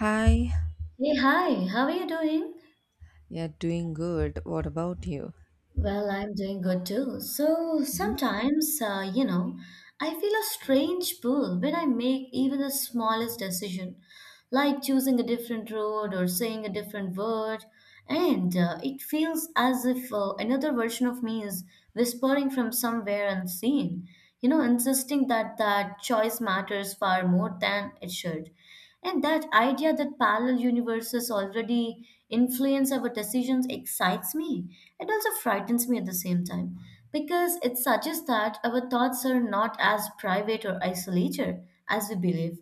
Hi, Hey, hi, how are you doing? yeah, doing good. What about you? Well, I'm doing good too. So Mhm. sometimes, I feel a strange pull when I make even the smallest decision, like choosing a different road or saying a different word. And it feels as if another version of me is whispering from somewhere unseen, you know, insisting that that choice matters far more than it should. And that idea that parallel universes already influence our decisions excites me. It also frightens me at the same time because it suggests that our thoughts are not as private or isolated as we believe.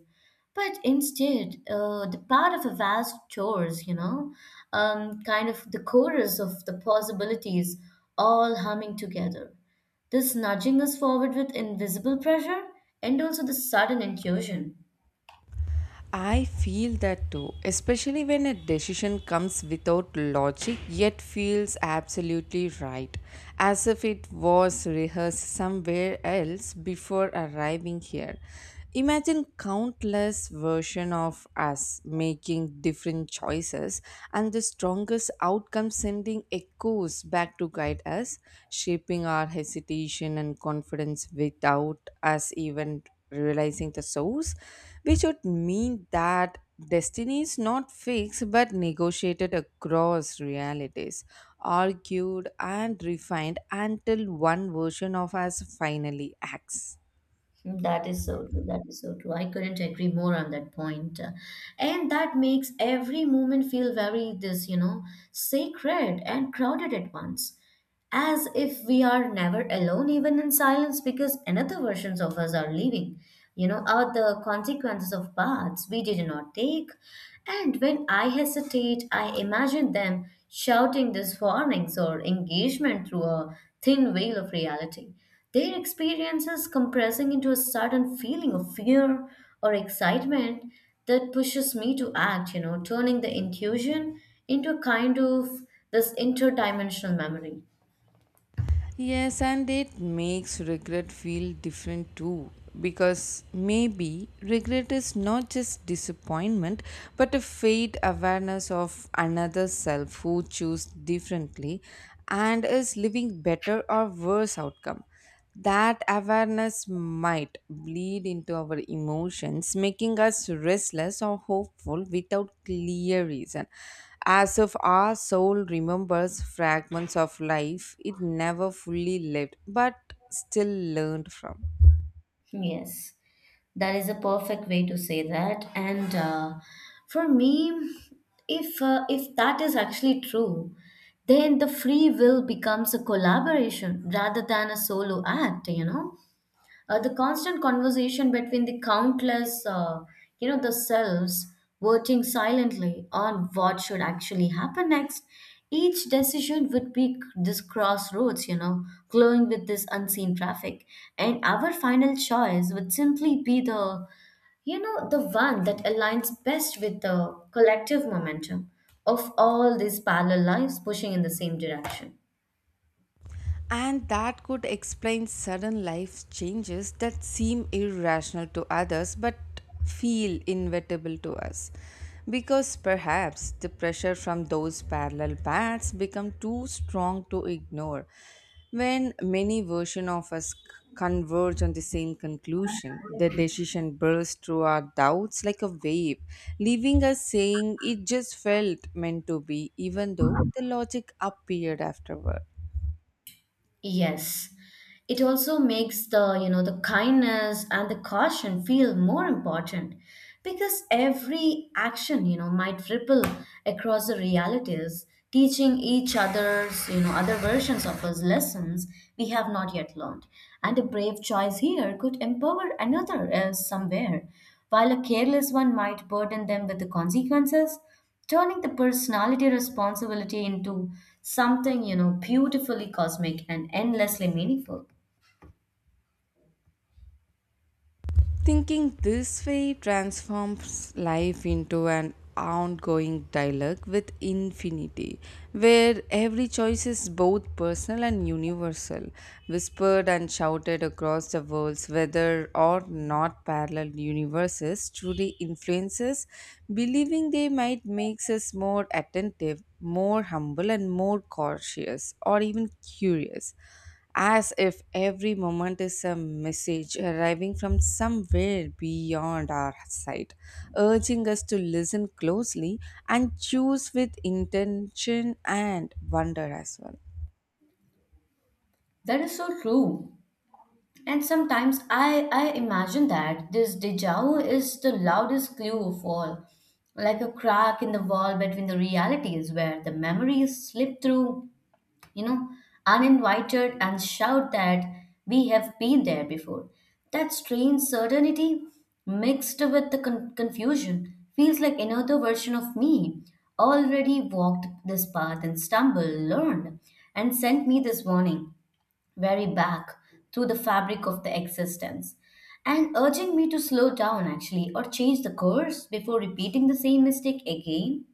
But instead, the part of a vast chores, you know, kind of the chorus of the possibilities all humming together. This nudging us forward with invisible pressure and also the sudden intuition. I feel that too, especially when a decision comes without logic yet feels absolutely right, as if it was rehearsed somewhere else before arriving here. Imagine countless versions of us making different choices and the strongest outcome sending echoes back to guide us, shaping our hesitation and confidence without us even realizing the source, which would mean that destiny is not fixed but negotiated across realities, argued and refined until one version of us finally acts. That is so true. That is so true. I couldn't agree more on that point. And that makes every moment feel very this, you know, sacred and crowded at once. As if we are never alone, even in silence, because another versions of us are leaving, you know, are the consequences of paths we did not take. And when I hesitate, I imagine them shouting these warnings or engagement through a thin veil of reality, their experiences compressing into a sudden feeling of fear or excitement that pushes me to act, you know, turning the intuition into a kind of this interdimensional memory. Yes, and it makes regret feel different too. Because maybe regret is not just disappointment, but a faint awareness of another self who chose differently and is living better or worse outcome. That awareness might bleed into our emotions, making us restless or hopeful without clear reason. As if our soul remembers fragments of life it never fully lived but still learned from. Yes, that is a perfect way to say that. And for me, if that is actually true, then the free will becomes a collaboration rather than a solo act. You know, the constant conversation between the countless, the selves working silently on what should actually happen next. Each decision would be this crossroads, you know, glowing with this unseen traffic. And our final choice would simply be the, you know, the one that aligns best with the collective momentum of all these parallel lives pushing in the same direction. And that could explain sudden life changes that seem irrational to others but feel inevitable to us. Because perhaps the pressure from those parallel paths become too strong to ignore. When many versions of us converge on the same conclusion, the decision bursts through our doubts like a wave, leaving us saying it just felt meant to be, even though the logic appeared afterward. Yes. It also makes the, you know, the kindness and the caution feel more important because every action, you know, might ripple across the realities, teaching each other's, you know, other versions of us lessons we have not yet learned. And a brave choice here could empower another else somewhere, while a careless one might burden them with the consequences, turning the personality responsibility into something, you know, beautifully cosmic and endlessly meaningful. Thinking this way transforms life into an ongoing dialogue with infinity, where every choice is both personal and universal, whispered and shouted across the worlds, whether or not parallel universes truly influences, believing they might makes us more attentive, more humble, and more cautious, or even curious, as if every moment is a message arriving from somewhere beyond our sight, urging us to listen closely and choose with intention and wonder as well. That is so true. And sometimes I imagine that this deja vu is the loudest clue of all, like a crack in the wall between the realities where the memories slip through, you know, uninvited and shout that we have been there before. That strange certainty mixed with the confusion feels like another version of me already walked this path and stumbled, learned, and sent me this warning very back through the fabric of the existence and urging me to slow down actually or change the course before repeating the same mistake again.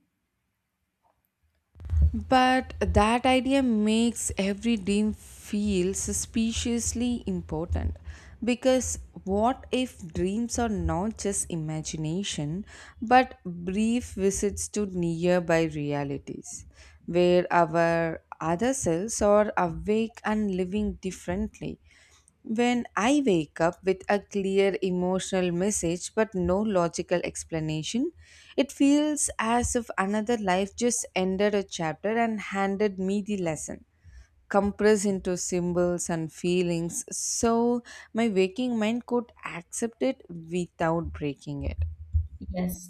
But that idea makes every dream feel suspiciously important, because what if dreams are not just imagination but brief visits to nearby realities where our other selves are awake and living differently? When I wake up with a clear emotional message but no logical explanation, it feels as if another life just ended a chapter and handed me the lesson. Compressed into symbols and feelings, so my waking mind could accept it without breaking it. Yes,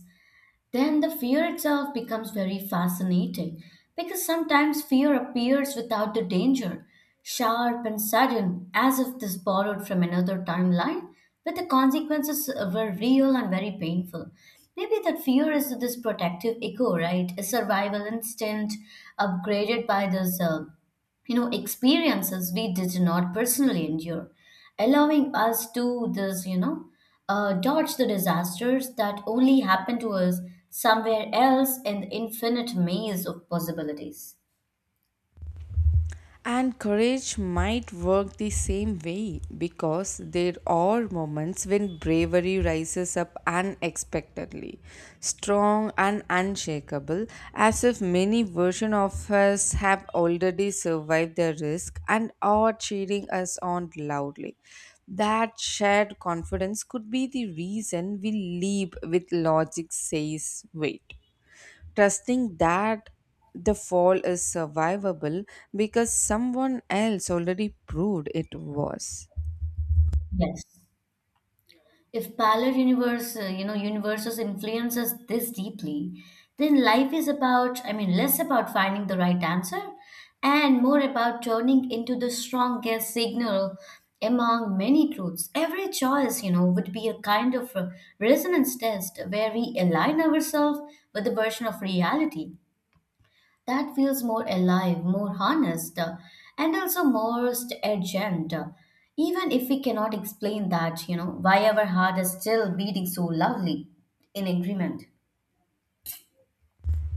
then the fear itself becomes very fascinating because sometimes fear appears without the danger, sharp and sudden, as if this borrowed from another timeline, but the consequences were real and very painful. Maybe that fear is this protective echo, right? A survival instinct upgraded by this you know, experiences we did not personally endure, allowing us to this, you know, dodge the disasters that only happen to us somewhere else in the infinite maze of possibilities. And courage might work the same way, because there are moments when bravery rises up unexpectedly, strong and unshakable, as if many versions of us have already survived the risk and are cheering us on loudly. That shared confidence could be the reason we leap with logic says wait, trusting that the fall is survivable because someone else already proved it was. Yes. If parallel universe, universes influence us this deeply, then life is about, I mean, less about finding the right answer and more about turning into the strongest signal among many truths. Every choice, you know, would be a kind of resonance test where we align ourselves with the version of reality that feels more alive, more honest, and also most urgent. Even if we cannot explain that, you know, why our heart is still beating so loudly in agreement.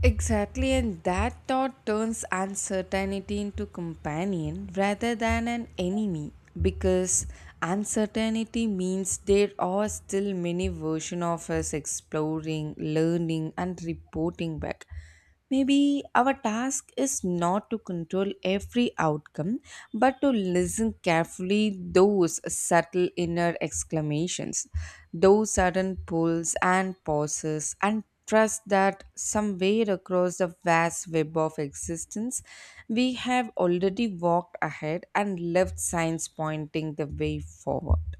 Exactly, and that thought turns uncertainty into companion rather than an enemy, because uncertainty means there are still many versions of us exploring, learning, and reporting back. Maybe our task is not to control every outcome, but to listen carefully those subtle inner exclamations, those sudden pulls and pauses, and trust that somewhere across the vast web of existence, we have already walked ahead and left signs pointing the way forward.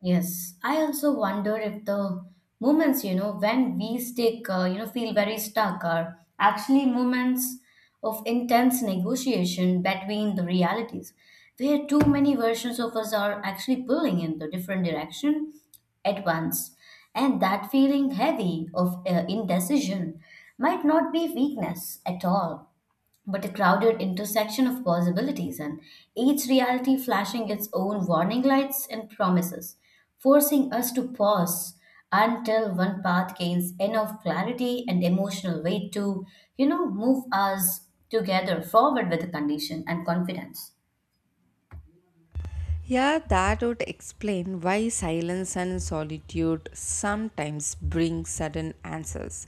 Yes, I also wonder if the moments, you know, when we stick, feel very stuck are actually moments of intense negotiation between the realities, where too many versions of us are actually pulling in the different direction at once. And that feeling heavy of indecision might not be weakness at all, but a crowded intersection of possibilities, and each reality flashing its own warning lights and promises, forcing us to pause until one path gains enough clarity and emotional weight to, you know, move us together forward with the condition and confidence. Yeah, that would explain why silence and solitude sometimes bring sudden answers.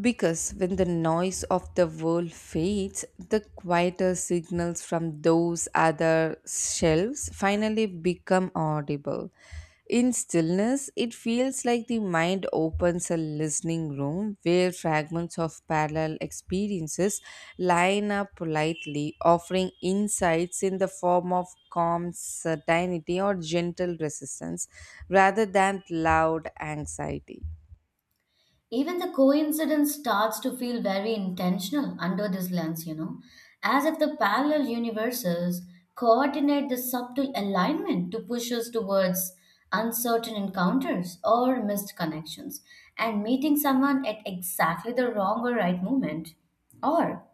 Because when the noise of the world fades, the quieter signals from those other shelves finally become audible. In stillness, it feels like the mind opens a listening room where fragments of parallel experiences line up politely, offering insights in the form of calm certainty or gentle resistance rather than loud anxiety. Even the coincidence starts to feel very intentional under this lens, you know, as if the parallel universes coordinate the subtle alignment to push us towards uncertain encounters or missed connections and meeting someone at exactly the wrong or right moment. Or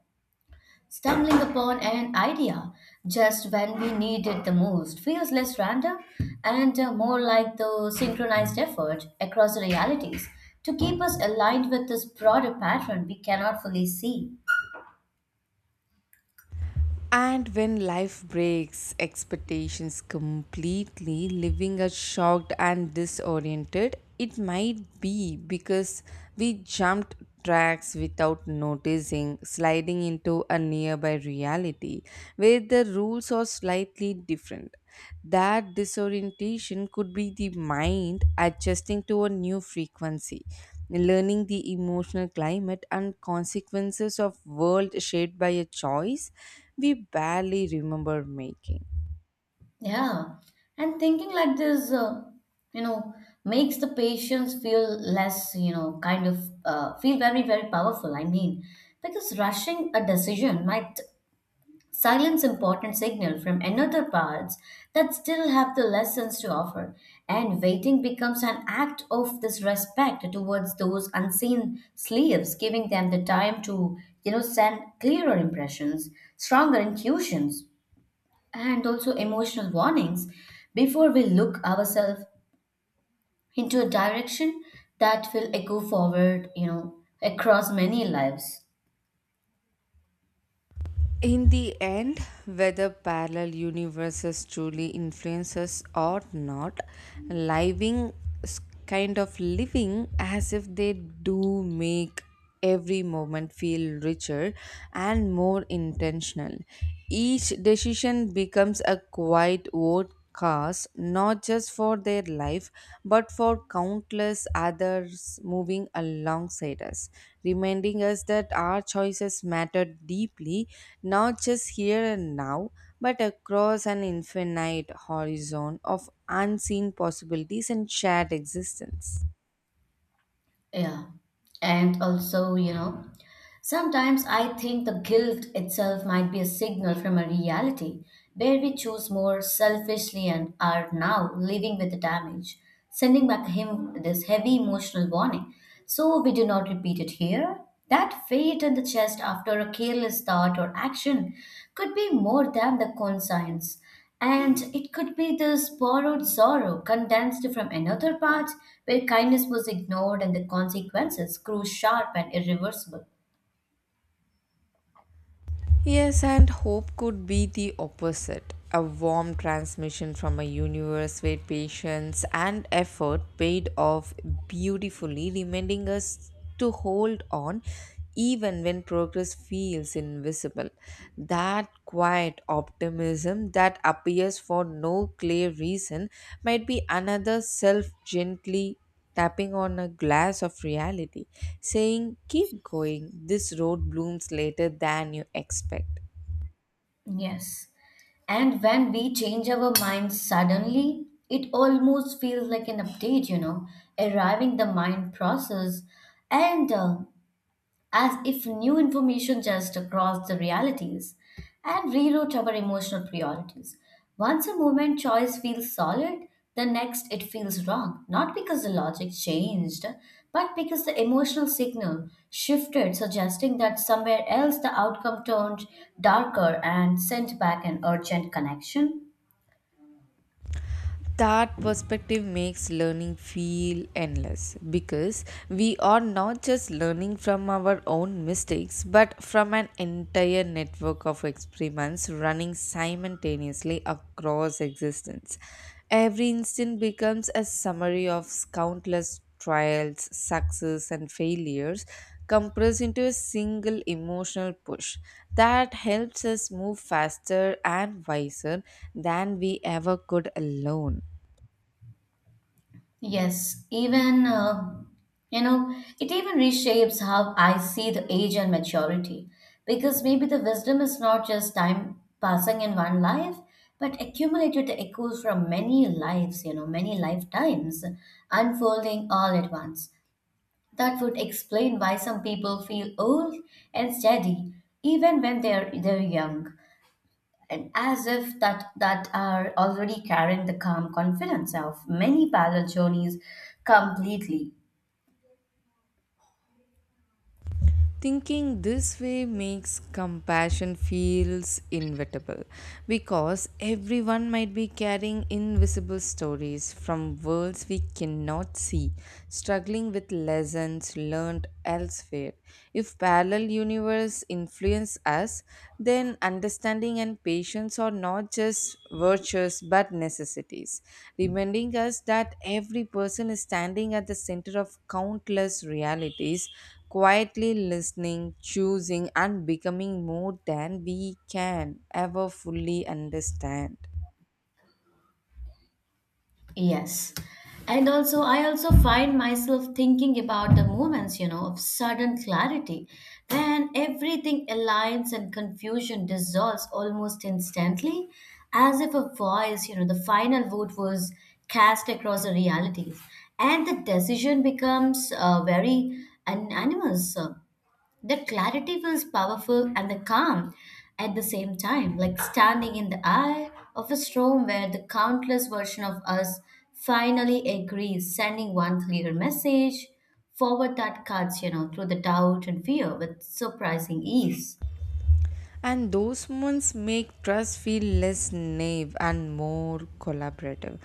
stumbling upon an idea just when we need it the most feels less random and more like the synchronized effort across the realities to keep us aligned with this broader pattern we cannot fully see. And when life breaks expectations completely, leaving us shocked and disoriented, it might be because we jumped tracks without noticing, sliding into a nearby reality where the rules are slightly different. That disorientation could be the mind adjusting to a new frequency, learning the emotional climate and consequences of world shaped by a choice we barely remember making. Yeah, and thinking like this, you know, makes the patients feel less, you know, kind of feel very, very powerful. I mean, because rushing a decision might silence important signal from another parts that still have the lessons to offer, and waiting becomes an act of this respect towards those unseen slaves, giving them the time to, you know, send clearer impressions, stronger intuitions, and also emotional warnings before we look ourselves into a direction that will echo forward, you know, across many lives. In the end, whether parallel universes truly influence us or not, living s- kind of living as if they do make every moment feel richer and more intentional. Each decision becomes a quiet vote cars not just for their life but for countless others moving alongside us, reminding us that our choices matter deeply, not just here and now but across an infinite horizon of unseen possibilities and shared existence. Yeah. And also, you know, sometimes I think the guilt itself might be a signal from a reality where we choose more selfishly and are now living with the damage, sending back him this heavy emotional warning. So we do not repeat it here. That weight in the chest after a careless thought or action could be more than the conscience. And it could be this borrowed sorrow condensed from another part where kindness was ignored and the consequences grew sharp and irreversible. Yes, and hope could be the opposite, a warm transmission from a universe where patience and effort paid off beautifully, reminding us to hold on even when progress feels invisible. That quiet optimism that appears for no clear reason might be another self gently tapping on a glass of reality, saying, "Keep going, this road blooms later than you expect." Yes. And when we change our minds suddenly, it almost feels like an update, you know, arriving the mind process. And as if new information just crossed the realities and rewrote our emotional priorities. Once a moment choice feels solid, the next it feels wrong, not because the logic changed, but because the emotional signal shifted, suggesting that somewhere else the outcome turned darker and sent back an urgent connection. That perspective makes learning feel endless, because we are not just learning from our own mistakes but from an entire network of experiments running simultaneously across existence. Every instant becomes a summary of countless trials, success, and failures compressed into a single emotional push that helps us move faster and wiser than we ever could alone. Yes, even, you know, it even reshapes how I see the age and maturity. Because maybe the wisdom is not just time passing in one life, but accumulated echoes from many lives, you know, many lifetimes, unfolding all at once. That would explain why some people feel old and steady even when they're young, and as if that that are already carrying the calm confidence of many parallel journeys completely. Thinking this way makes compassion feels inevitable, because everyone might be carrying invisible stories from worlds we cannot see, struggling with lessons learned elsewhere. If parallel universe influence us, then understanding and patience are not just virtues but necessities, reminding us that every person is standing at the center of countless realities, quietly listening, choosing, and becoming more than we can ever fully understand. Yes, and also I also find myself thinking about the moments, you know, of sudden clarity when everything aligns and confusion dissolves almost instantly, as if a voice, you know, the final vote was cast across the realities and the decision becomes very anonymous. That clarity feels powerful and the calm at the same time, like standing in the eye of a storm where the countless version of us finally agrees, sending one clear message forward that cuts, you know, through the doubt and fear with surprising ease. And those moments make trust feel less naive and more collaborative,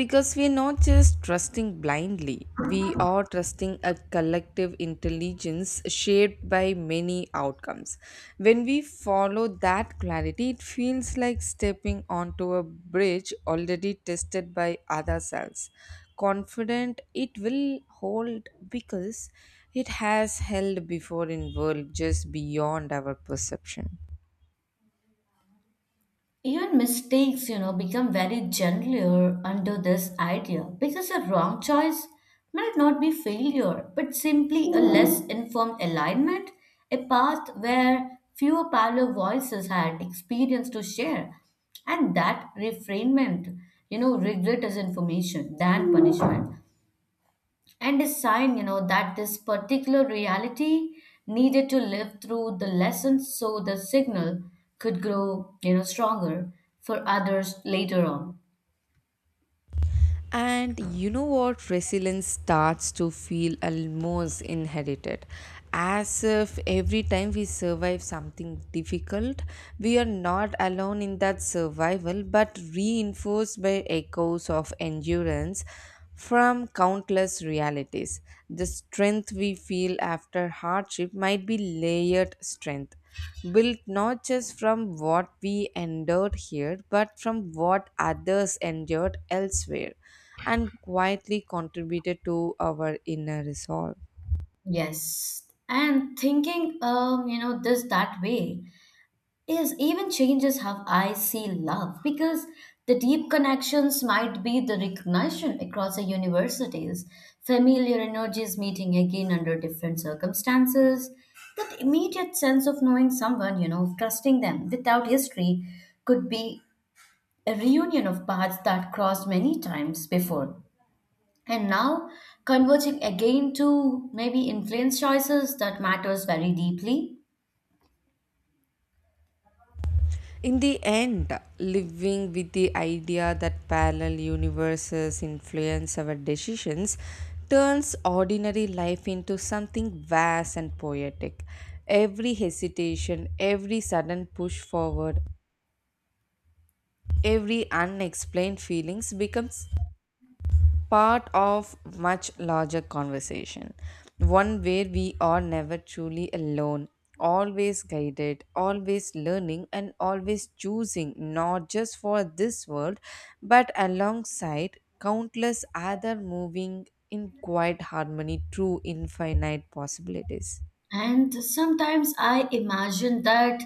because we're not just trusting blindly. We are trusting a collective intelligence shaped by many outcomes. When we follow that clarity, it feels like stepping onto a bridge already tested by other selves, confident it will hold because it has held before in world just beyond our perception. Even mistakes, you know, become very gentler under this idea because a wrong choice might not be failure, but simply a less informed alignment, a path where fewer parallel voices had experience to share. And that refrainment, you know, regret is information than punishment and a sign, you know, that this particular reality needed to live through the lessons so the signal could grow, you know, stronger for others later on. And you know what? Resilience starts to feel almost inherited. As if every time we survive something difficult, we are not alone in that survival, but reinforced by echoes of endurance from countless realities. The strength we feel after hardship might be layered strength, built not just from what we endured here, but from what others endured elsewhere, and quietly contributed to our inner resolve. Yes. And thinking, you know, this that way, yes, even changes how I see love because the deep connections might be the recognition across the universities, familiar energies meeting again under different circumstances. That immediate sense of knowing someone, you know, of trusting them without history could be a reunion of paths that crossed many times before. And now converging again to maybe influence choices that matters very deeply. In the end, living with the idea that parallel universes influence our decisions turns ordinary life into something vast and poetic. Every hesitation, every sudden push forward, every unexplained feelings becomes part of much larger conversation, one where we are never truly alone, always guided, always learning, and always choosing not just for this world but alongside countless other moving in quiet harmony through infinite possibilities. And sometimes I imagine that,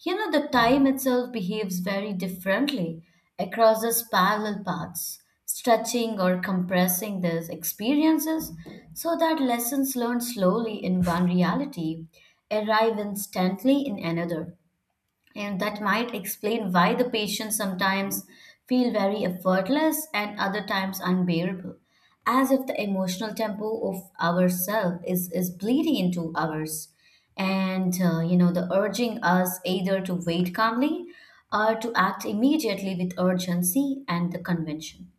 you know, the time itself behaves very differently across these parallel paths, stretching or compressing these experiences so that lessons learned slowly in one reality arrive instantly in another, and that might explain why the patients sometimes feel very effortless and other times unbearable, as if the emotional tempo of ourself is bleeding into ours and you know, the urging us either to wait calmly or to act immediately with urgency and the convention.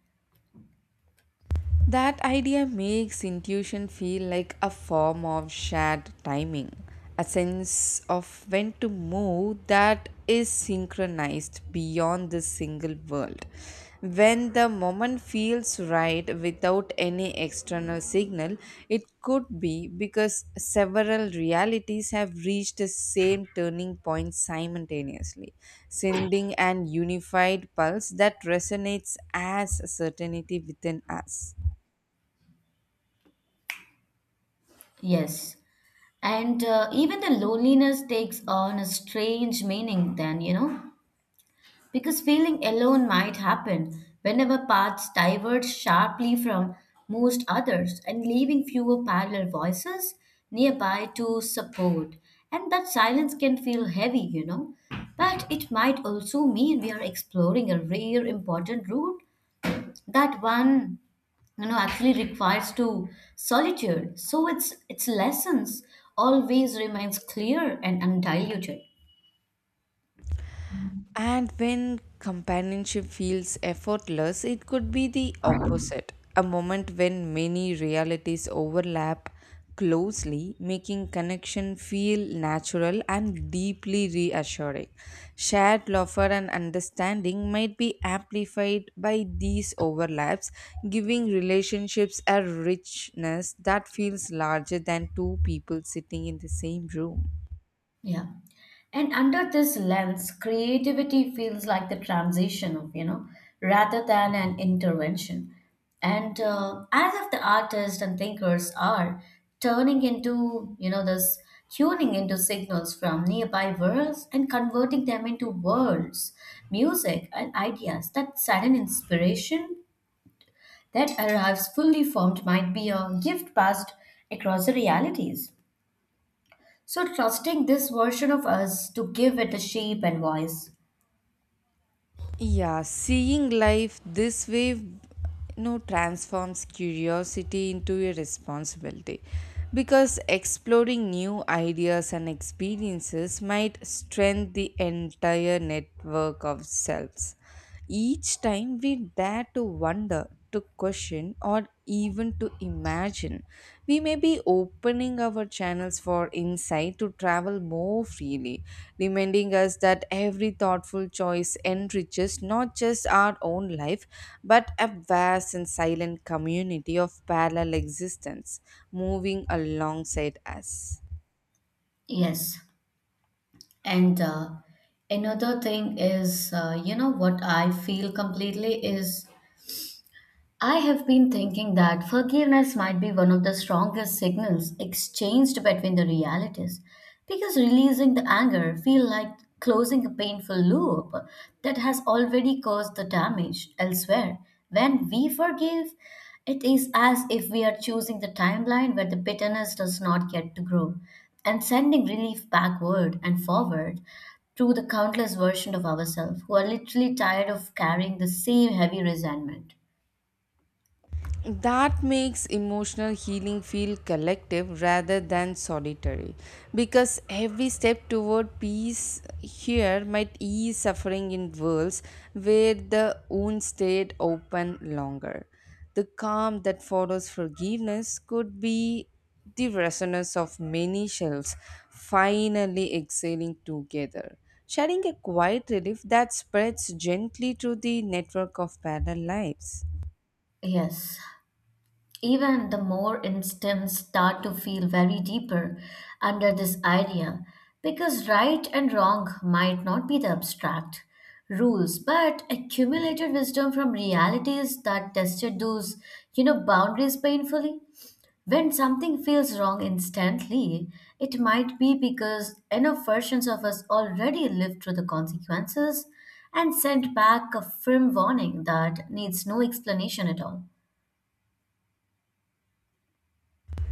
That idea makes intuition feel like a form of shared timing, a sense of when to move that is synchronized beyond the single world. When the moment feels right without any external signal, it could be because several realities have reached the same turning point simultaneously, sending an unified pulse that resonates as certainty within us. Yes, and even the loneliness takes on a strange meaning then, you know. Because feeling alone might happen whenever paths diverge sharply from most others and leaving fewer parallel voices nearby to support. And that silence can feel heavy, you know. But it might also mean we are exploring a rare important route that one actually requires to solitude so its lessons always remains clear and undiluted. And when companionship feels effortless, it could be the opposite, a moment when many realities overlap closely, making connection feel natural and deeply reassuring. Shared laughter and understanding might be amplified by these overlaps, giving relationships a richness that feels larger than two people sitting in the same room. Yeah. And under this lens, creativity feels like the transition of, rather than an intervention. And As if the artists and thinkers are turning into, you know, this tuning into signals from nearby worlds and converting them into words, music, and ideas. That sudden inspiration that arrives fully formed might be a gift passed across the realities. So, trusting this version of us to give it a shape and voice. Yeah, seeing life this way, transforms curiosity into a responsibility, because exploring new ideas and experiences might strengthen the entire network of selves. Each time we dare to wonder, to question, or even to imagine, we may be opening our channels for insight to travel more freely, reminding us that every thoughtful choice enriches not just our own life, but a vast and silent community of parallel existence moving alongside us. Yes. And Another thing is, what I feel completely is I have been thinking that forgiveness might be one of the strongest signals exchanged between the realities, because releasing the anger feels like closing a painful loop that has already caused the damage elsewhere. When we forgive, it is as if we are choosing the timeline where the bitterness does not get to grow and sending relief backward and forward through the countless versions of ourselves who are literally tired of carrying the same heavy resentment. That makes emotional healing feel collective rather than solitary, because every step toward peace here might ease suffering in worlds where the wound stayed open longer. The calm that follows forgiveness could be the resonance of many shells finally exhaling together, sharing a quiet relief that spreads gently through the network of parallel lives. Yes, even the more instincts start to feel very deeper under this idea, because right and wrong might not be the abstract rules but accumulated wisdom from realities that tested those, boundaries painfully. When something feels wrong instantly, it might be because enough versions of us already lived through the consequences and sent back a firm warning that needs no explanation at all.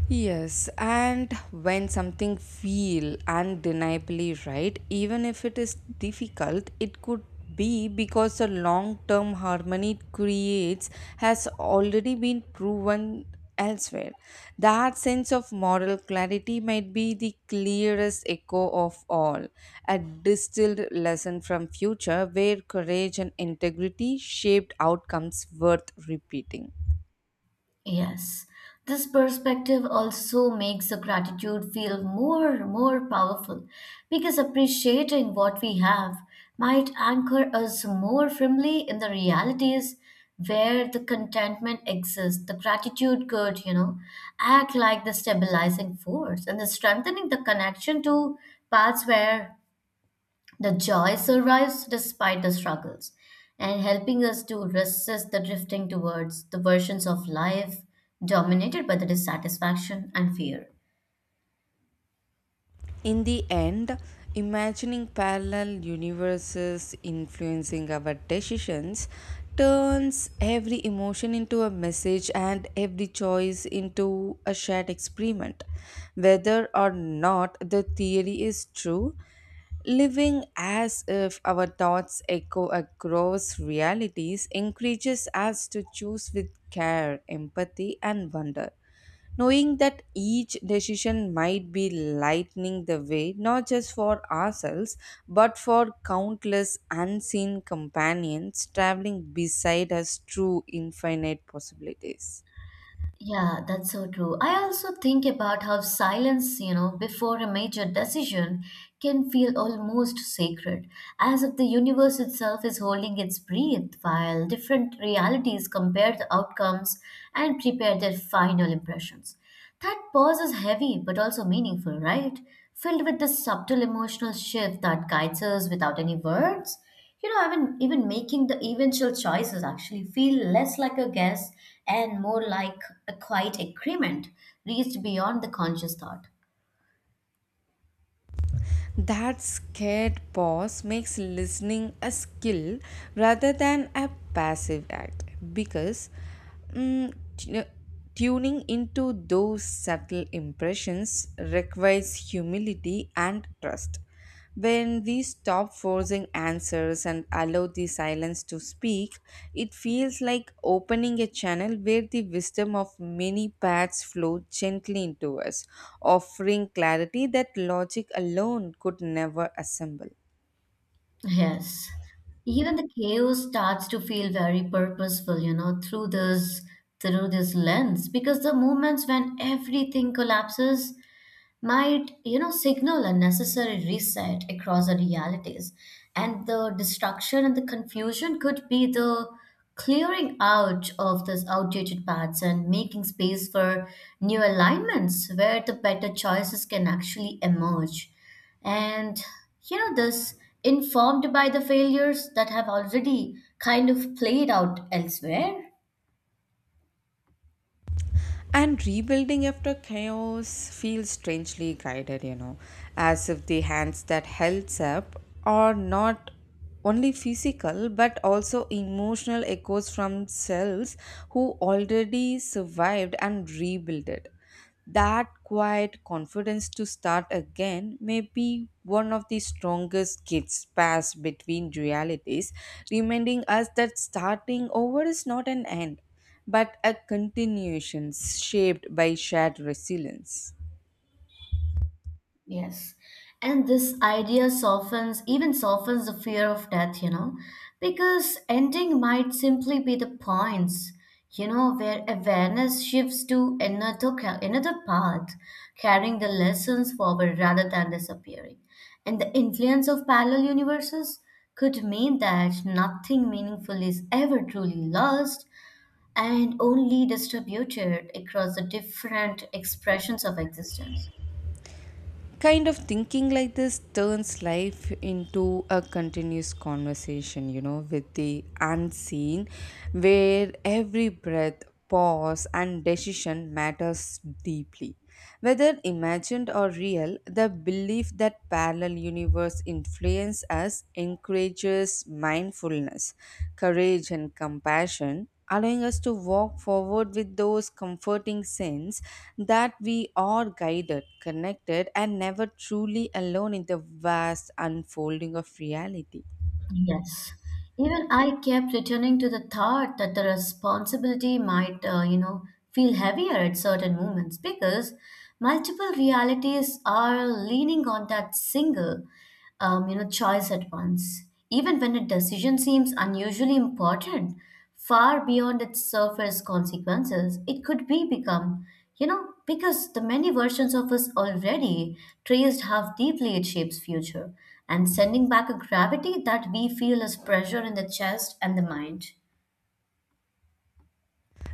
Yes, and when something feel undeniably right, even if it is difficult, it could be because the long-term harmony it creates has already been proven elsewhere. That sense of moral clarity might be the clearest echo of all, a distilled lesson from future where courage and integrity shaped outcomes worth repeating. Yes, this perspective also makes the gratitude feel more powerful, because appreciating what we have might anchor us more firmly in the realities where the contentment exists. The gratitude could, you know, act like the stabilizing force and the strengthening the connection to paths where the joy survives despite the struggles, and helping us to resist the drifting towards the versions of life dominated by the dissatisfaction and fear. In the end, imagining parallel universes influencing our decisions turns every emotion into a message and every choice into a shared experiment. Whether or not the theory is true, living as if our thoughts echo across realities encourages us to choose with care, empathy, and wonder, knowing that each decision might be lightening the way not just for ourselves but for countless unseen companions traveling beside us through infinite possibilities. Yeah, that's so true. I also think about how silence, you know, before a major decision can feel almost sacred, as if the universe itself is holding its breath while different realities compare the outcomes and prepare their final impressions. That pause is heavy but also meaningful, right? Filled with the subtle emotional shift that guides us without any words. You know, even making the eventual choices actually feel less like a guess and more like a quiet agreement reached beyond the conscious thought. That scared pause makes listening a skill rather than a passive act, because mm, tu- tuning into those subtle impressions requires humility and trust. When we stop forcing answers and allow the silence to speak, it feels like opening a channel where the wisdom of many paths flow gently into us, offering clarity that logic alone could never assemble. Yes. Even the chaos starts to feel very purposeful, you know, through this lens. Because the moments when everything collapses might, you know, signal a necessary reset across the realities, and the destruction and the confusion could be the clearing out of these outdated paths and making space for new alignments where the better choices can actually emerge, and you know this informed by the failures that have already kind of played out elsewhere. And rebuilding after chaos feels strangely guided, as if the hands that held up are not only physical but also emotional echoes from cells who already survived and rebuilt it. That quiet confidence to start again may be one of the strongest gifts passed between realities, reminding us that starting over is not an end, but a continuation shaped by shared resilience. Yes. And this idea softens, even softens the fear of death, you know, because ending might simply be the points, you know, where awareness shifts to another, another path, carrying the lessons forward rather than disappearing. And the influence of parallel universes could mean that nothing meaningful is ever truly lost and only distributed across the different expressions of existence. Kind of thinking like this turns life into a continuous conversation, with the unseen, where every breath, pause, and decision matters deeply. Whether imagined or real, the belief that parallel universe influence us encourages mindfulness, courage, and compassion, allowing us to walk forward with those comforting sense that we are guided, connected, and never truly alone in the vast unfolding of reality. Yes. Even I kept returning to the thought that the responsibility might, feel heavier at certain moments because multiple realities are leaning on that single, choice at once. Even when a decision seems unusually important, far beyond its surface consequences, it could be become, you know, because the many versions of us already traced how deeply it shapes future and sending back a gravity that we feel as pressure in the chest and the mind.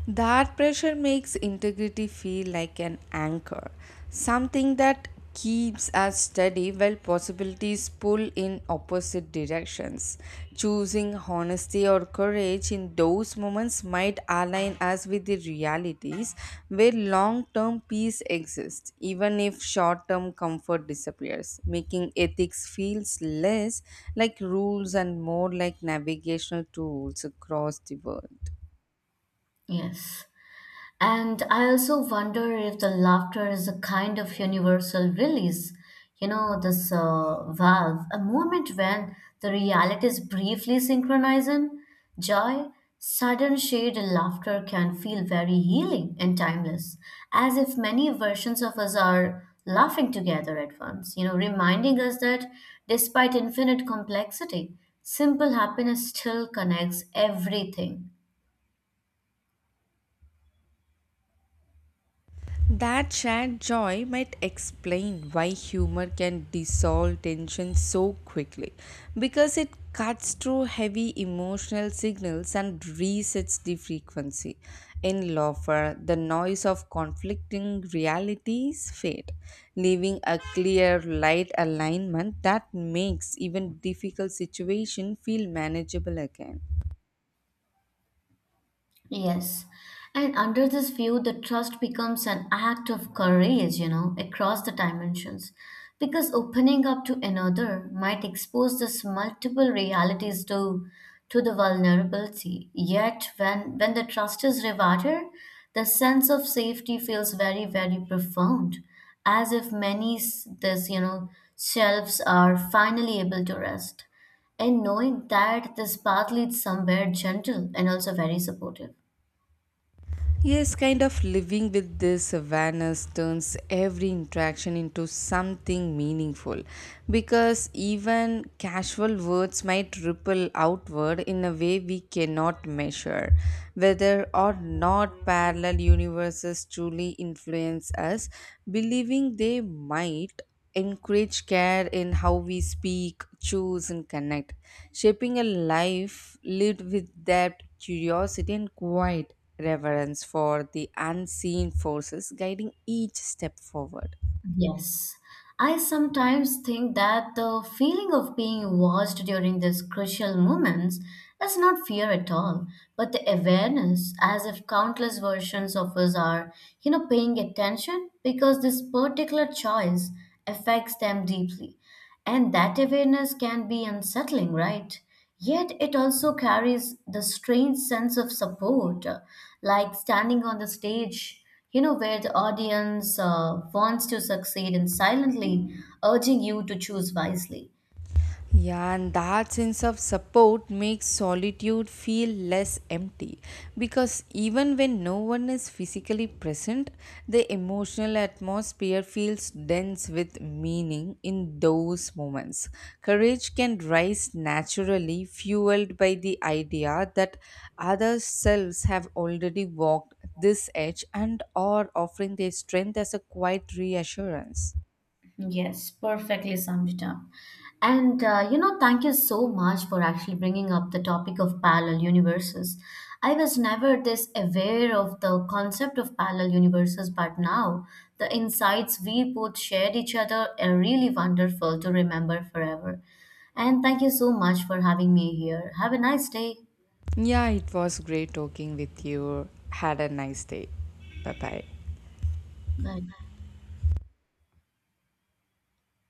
That pressure makes integrity feel like an anchor, something that keeps us steady while possibilities pull in opposite directions. Choosing honesty or courage in those moments might align us with the realities where long term peace exists, even if short term comfort disappears, making ethics feels less like rules and more like navigational tools across the world. Yes. And I also wonder if the laughter is a kind of universal release. You know, this valve, a moment when the realities briefly synchronize in joy. Sudden shade, laughter can feel very healing and timeless, as if many versions of us are laughing together at once, you know, reminding us that despite infinite complexity, simple happiness still connects everything. That shared joy might explain why humor can dissolve tension so quickly, because it cuts through heavy emotional signals and resets the frequency. In laughter, the noise of conflicting realities fade, leaving a clear light alignment that makes even difficult situation feel manageable again. Yes. And under this view, the trust becomes an act of courage, you know, across the dimensions. Because opening up to another might expose this multiple realities to the vulnerability. Yet when the trust is rewarded, the sense of safety feels very, very profound, as if many s- this, you know, selves are finally able to rest. And knowing that this path leads somewhere gentle and also very supportive. Yes, kind of living with this awareness turns every interaction into something meaningful, because even casual words might ripple outward in a way we cannot measure. Whether or not parallel universes truly influence us, believing they might encourage care in how we speak, choose, and connect, shaping a life lived with depth, curiosity, and quiet reverence for the unseen forces guiding each step forward. Yes. I sometimes think that the feeling of being watched during these crucial moments is not fear at all, but the awareness, as if countless versions of us are, you know, paying attention because this particular choice affects them deeply. And that awareness can be unsettling, right? Yet it also carries the strange sense of support, like standing on the stage, you know, where the audience wants to succeed and silently urging you to choose wisely. Yeah, and that sense of support makes solitude feel less empty, because even when no one is physically present, the emotional atmosphere feels dense with meaning in those moments. Courage can rise naturally, fueled by the idea that other selves have already walked this edge and are offering their strength as a quiet reassurance. Yes, perfectly summed it up. Thank you so much for actually bringing up the topic of parallel universes. I was never this aware of the concept of parallel universes, but now the insights we both shared each other are really wonderful to remember forever. And thank you so much for having me here. Have a nice day. Yeah, it was great talking with you. Had a nice day. Bye bye. Bye.